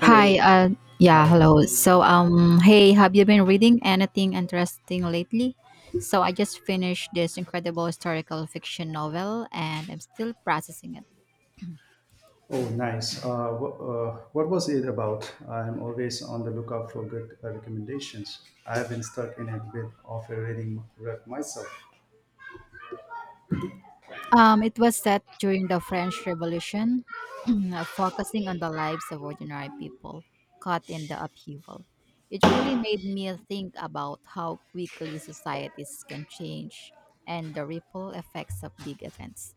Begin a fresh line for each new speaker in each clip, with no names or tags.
Hi, yeah,
Hi.
hello. Hey, have you been reading anything interesting lately? So, I just finished this incredible historical fiction novel, and I'm still processing it.
Oh, nice. What was it about? I'm always on the lookout for good recommendations. I have been stuck in a bit of a reading rut myself.
It was set during the French Revolution, focusing on the lives of ordinary people caught in the upheaval. It really made me think about how quickly societies can change and the ripple effects of big events.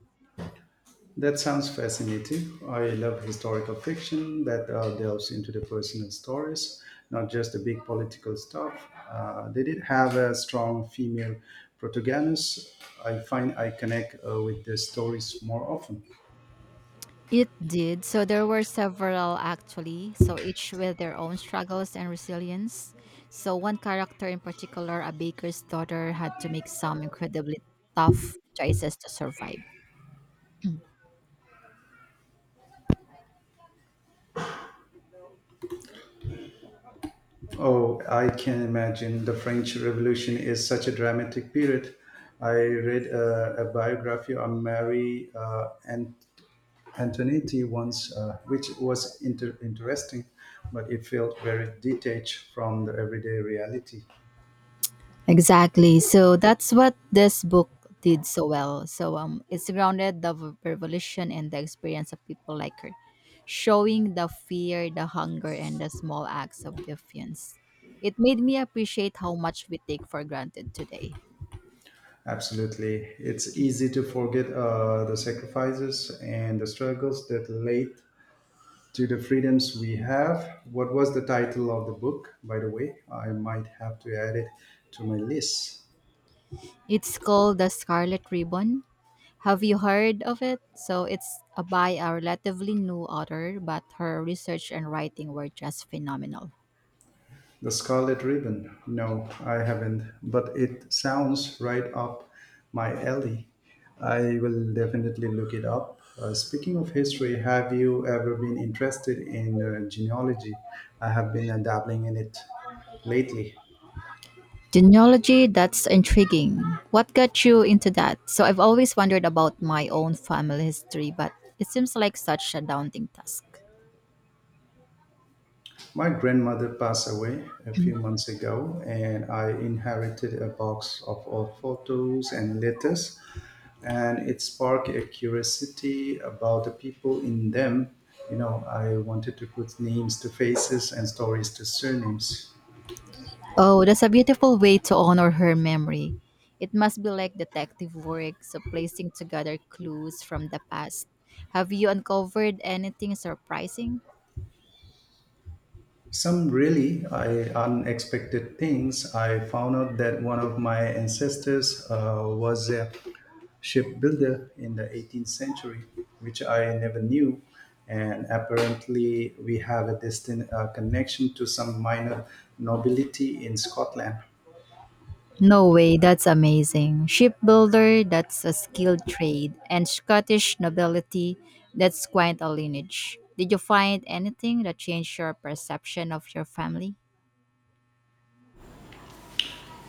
That sounds fascinating. I love historical fiction that delves into the personal stories, not just the big political stuff. They did have a strong female protagonist. I find I connect with the stories more often.
It did. So there were several actually, so each with their own struggles and resilience. So one character in particular, a baker's daughter, had to make some incredibly tough choices to survive.
Oh, I can imagine. The French Revolution is such a dramatic period. I read a biography on Mary Antoinette once, which was interesting, but it felt very detached from the everyday reality.
Exactly. So that's what this book did so well. It's grounded the revolution and the experience of people like her, showing the fear, the hunger, and the small acts of defiance. It made me appreciate how much we take for granted today.
Absolutely. It's easy to forget the sacrifices and the struggles that led to the freedoms we have. What was the title of the book, by the way? I might have to add it to my list.
It's called The Scarlet Ribbon. Have you heard of it? So it's a by a relatively new author, but her research and writing were just phenomenal.
The Scarlet Ribbon? No, I haven't, but it sounds right up my alley. I will definitely look it up. Speaking of history, have you ever been interested in genealogy? I have been dabbling in it lately.
Genealogy, that's intriguing. What got you into that? So, I've always wondered about my own family history, but it seems like such a daunting task.
My grandmother passed away a few months ago, and I inherited a box of old photos and letters, and it sparked a curiosity about the people in them. You know, I wanted to put names to faces and stories to surnames.
Oh, that's a beautiful way to honor her memory. It must be like detective work, so placing together clues from the past. Have you uncovered anything surprising?
Some really unexpected things. I found out that one of my ancestors was a shipbuilder in the 18th century, which I never knew. And apparently, we have a distant connection to some minor nobility in Scotland.
No way, that's amazing. Shipbuilder, that's a skilled trade, and Scottish nobility, that's quite a lineage. Did you find anything that changed your perception of your family?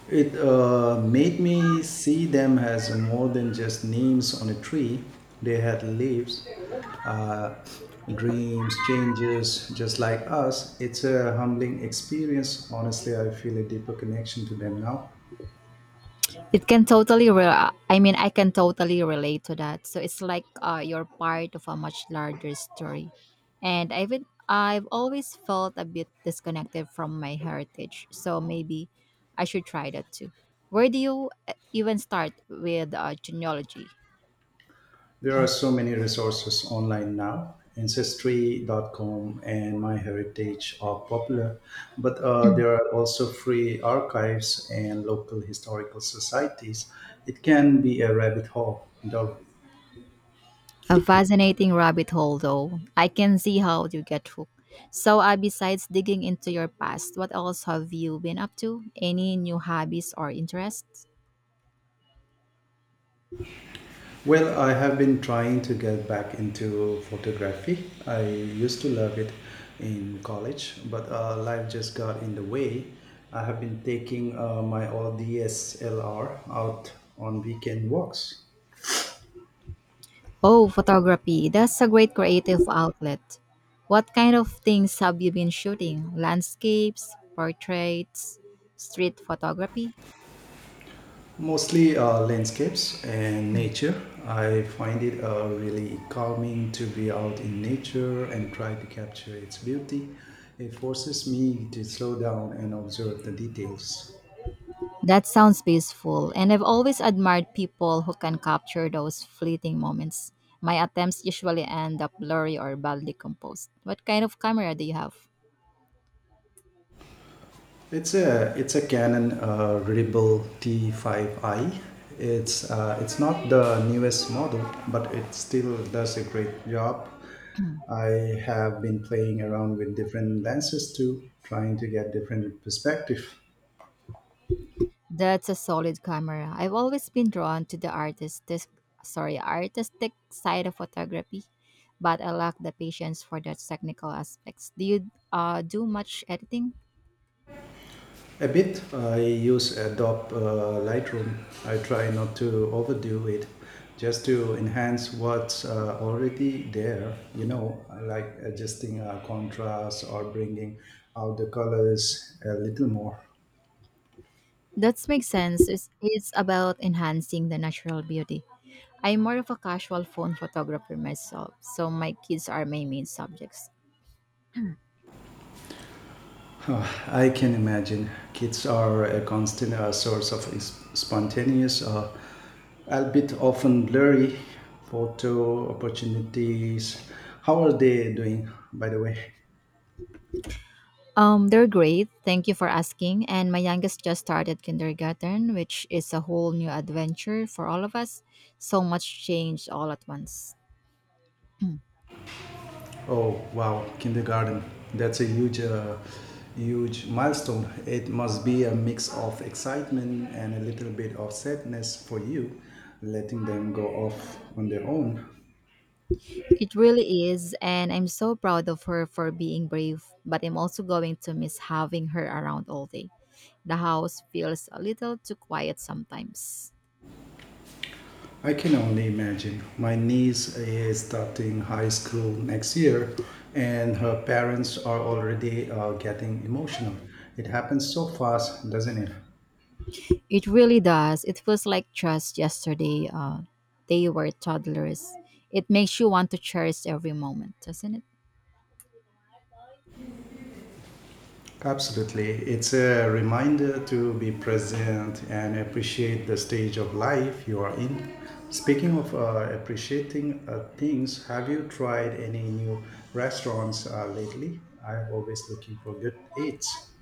It made me see them as more than just names on a tree. They had lives, uh, dreams, changes, just like us. It's a humbling experience. Honestly, I feel a deeper connection to them now.
It can totally, I mean, I can totally relate to that. So it's like you're part of a much larger story. And I've always felt a bit disconnected from my heritage. So maybe I should try that too. Where do you even start with genealogy?
There are so many resources online now. Ancestry. Dot com and MyHeritage are popular, but there are also free archives and local historical societies. It can be a rabbit hole, though.
A fascinating rabbit hole, though. I can see how you get hooked. So, besides digging into your past, what else have you been up to? Any new hobbies or interests?
Well, I have been trying to get back into photography. I used to love it in college, but life just got in the way. I have been taking my old DSLR out on weekend walks,
Oh, photography. That's a great creative outlet. What kind of things have you been shooting? Landscapes, portraits, street photography?
mostly landscapes and nature. I find it really calming to be out in nature and try to capture its beauty. It forces me to slow down and observe the details.
That sounds peaceful, and I've always admired people who can capture those fleeting moments. My attempts usually end up blurry or badly composed. What kind of camera do you have?
It's a Canon Rebel T5i. It's not the newest model, but it still does a great job. I have been playing around with different lenses too, trying to get different perspective.
That's a solid camera. I've always been drawn to the artistic, sorry, artistic side of photography, but I lack the patience for the technical aspects. Do you do much editing?
A bit. I use Adobe Lightroom. I try not to overdo it, just to enhance what's already there. You know, like adjusting contrast or bringing out the colors a little more.
That makes sense. It's about enhancing the natural beauty. I'm more of a casual phone photographer myself, so my kids are my main subjects.
Oh, I can imagine. Kids are a constant source of spontaneous, albeit often blurry, photo opportunities. How are they doing, by the way?
They're great. Thank you for asking. And my youngest just started kindergarten, which is a whole new adventure for all of us. So much change all at once.
Oh wow, kindergarten. That's a huge milestone. It must be a mix of excitement and a little bit of sadness for you letting them go off on their own.
It really is, and I'm so proud of her for being brave, but I'm also going to miss having her around all day. The house feels a little too quiet sometimes.
I can only imagine. My niece is starting high school next year and her parents are already getting emotional. It happens so fast, doesn't it?
It really does. It feels like just yesterday they were toddlers. It makes you want to cherish every moment, doesn't it?
Absolutely. It's a reminder to be present and appreciate the stage of life you are in. Speaking of appreciating things, have you tried any new restaurants lately? I'm always looking for good eats.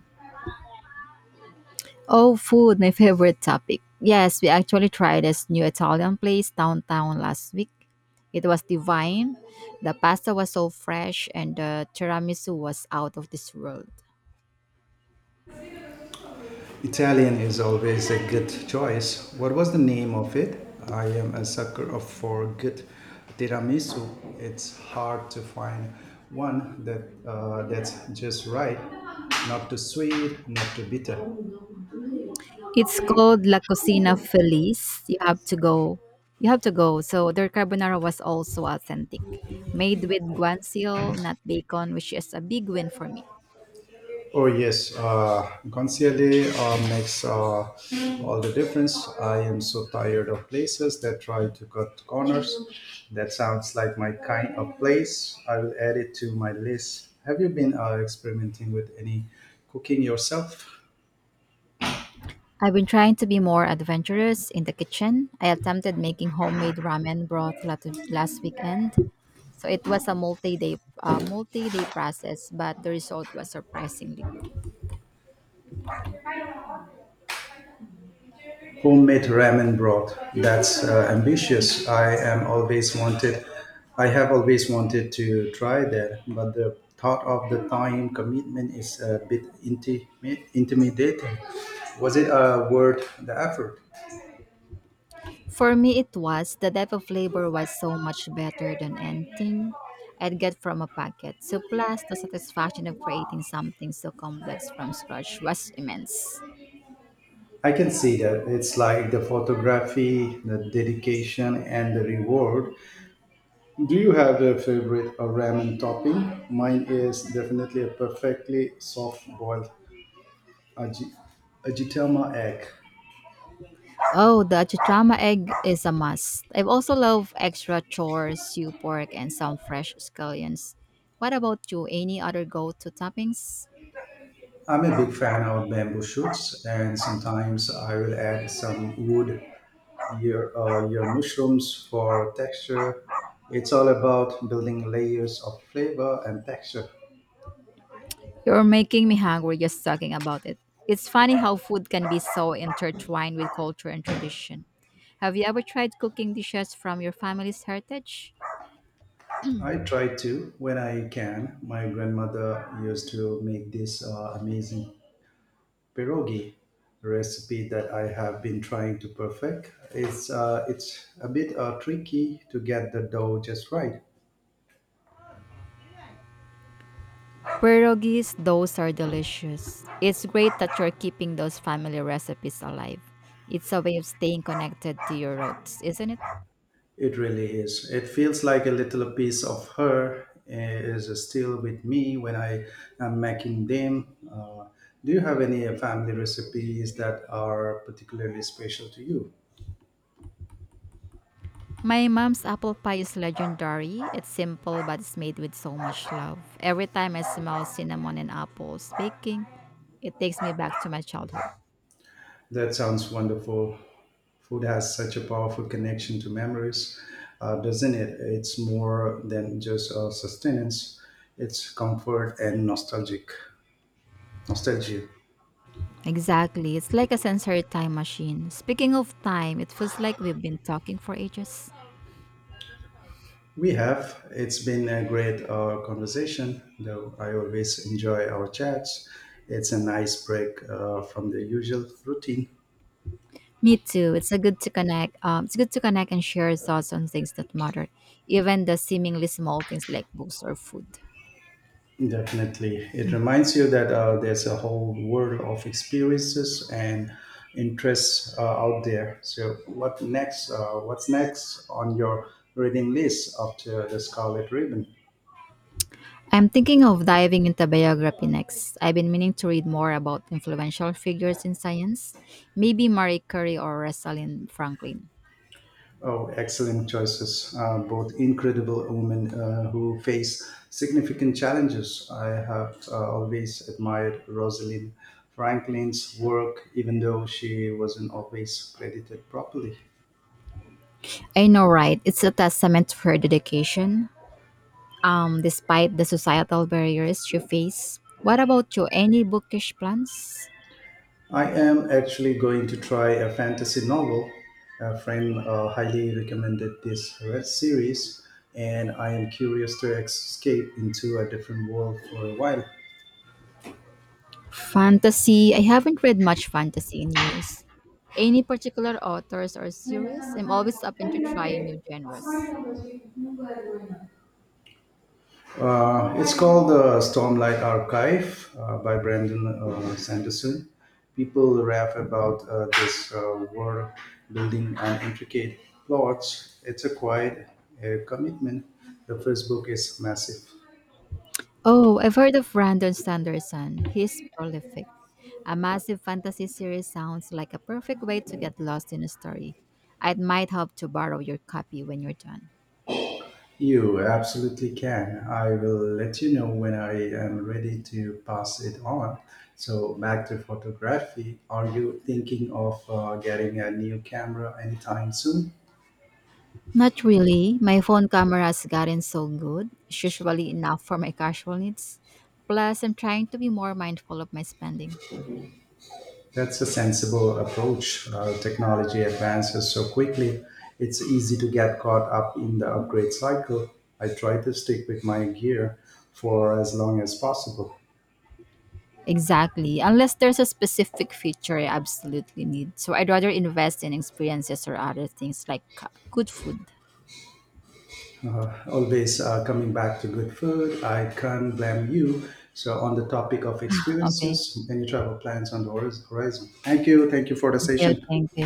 Oh, food, my favorite topic. Yes, we actually tried this new Italian place downtown last week. It was divine. The pasta was so fresh, and the tiramisu was out of this world.
Italian is always a good choice. What was the name of it? I am a sucker of for good tiramisu. It's hard to find one that that's just right, not too sweet, not too bitter.
It's called La Cucina Feliz. You have to go. You have to go. So their carbonara was also authentic, made with guanciale, not bacon, which is a big win for me.
Oh yes, guanciale makes all the difference. I am so tired of places that try to cut corners. That sounds like my kind of place. I will add it to my list. Have you been experimenting with any cooking yourself?
I've been trying to be more adventurous in the kitchen. I attempted making homemade ramen broth last weekend. So it was a multi-day process, but the result was surprisingly good.
Homemade ramen broth. That's ambitious. I am always wanted. I have always wanted to try that, but the thought of the time commitment is a bit intimidating. Was it worth the effort?
For me, it was. The depth of flavor was so much better than anything I'd get from a packet. So, plus the satisfaction of creating something so complex from scratch was immense.
I can see that. It's like the photography, the dedication, and the reward. Do you have a favorite ramen topping? Mine is definitely a perfectly soft boiled ajitama egg.
Oh, the chichama egg is a must. I also love extra chores, stew pork, and some fresh scallions. What about you? Any other go-to toppings?
I'm a big fan of bamboo shoots, and sometimes I will add some wood your mushrooms for texture. It's all about building layers of flavor and texture.
You're making me hungry just talking about it. It's funny how food can be so intertwined with culture and tradition. Have you ever tried cooking dishes from your family's heritage?
I try to when I can. My grandmother used to make this amazing pierogi recipe that I have been trying to perfect. It's a bit tricky to get the dough just right.
Pierogies, those are delicious. It's great that you're keeping those family recipes alive. It's a way of staying connected to your roots, isn't it?
It really is. It feels like a little piece of her is still with me when I am making them. Do you have any family recipes that are particularly special to you?
My mom's apple pie is legendary. It's simple, but it's made with so much love. Every time I smell cinnamon and apples baking, it takes me back to my childhood.
That sounds wonderful. Food has such a powerful connection to memories, doesn't it? It's more than just sustenance. It's comfort and nostalgic nostalgia.
Exactly. It's like a sensory time machine. Speaking of time, it feels like we've been talking for ages.
We have. It's been a great conversation, though I always enjoy our chats. It's a nice break from the usual routine.
Me too. It's a good to connect. It's good to connect and share thoughts on things that matter, even the seemingly small things like books or food.
Definitely. It reminds you that there's a whole world of experiences and interests out there. So, what next? What's next on your reading list after the Scarlet Ribbon?
I'm thinking of diving into biography next. I've been meaning to read more about influential figures in science, maybe Marie Curie or Rosalind Franklin.
Oh, excellent choices. Both incredible women who face significant challenges. I have always admired Rosalind Franklin's work, even though she wasn't always credited properly.
I know, right? It's a testament to her dedication, despite the societal barriers you face. What about you? Any bookish plans?
I am actually going to try a fantasy novel. A friend highly recommended this series, and I am curious to escape into a different world for a while.
Fantasy. I haven't read much fantasy in years. Any particular authors or series? I'm always open to trying new genres.
It's called the Stormlight Archive by Brandon Sanderson. People rap about this world building and intricate plots. It's a quiet commitment. The first book is massive.
Oh, I've heard of Brandon Sanderson. He's prolific. A massive fantasy series sounds like a perfect way to get lost in a story. I might have to borrow your copy when you're done.
You absolutely can. I will let you know when I am ready to pass it on. So, back to photography. Are you thinking of getting a new camera anytime soon?
Not really. My phone camera's gotten so good. It's usually enough for my casual needs. Plus, I'm trying to be more mindful of my spending.
That's a sensible approach. Technology advances so quickly, it's easy to get caught up in the upgrade cycle. I try to stick with my gear for as long as possible.
Exactly. Unless there's a specific feature I absolutely need. So I'd rather invest in experiences or other things like good food.
Always Coming back to good food, I can't blame you. So, on the topic of
Okay.
experiences, any travel plans on the horizon? Thank you. Thank you for the
Thank you.
session.
Thank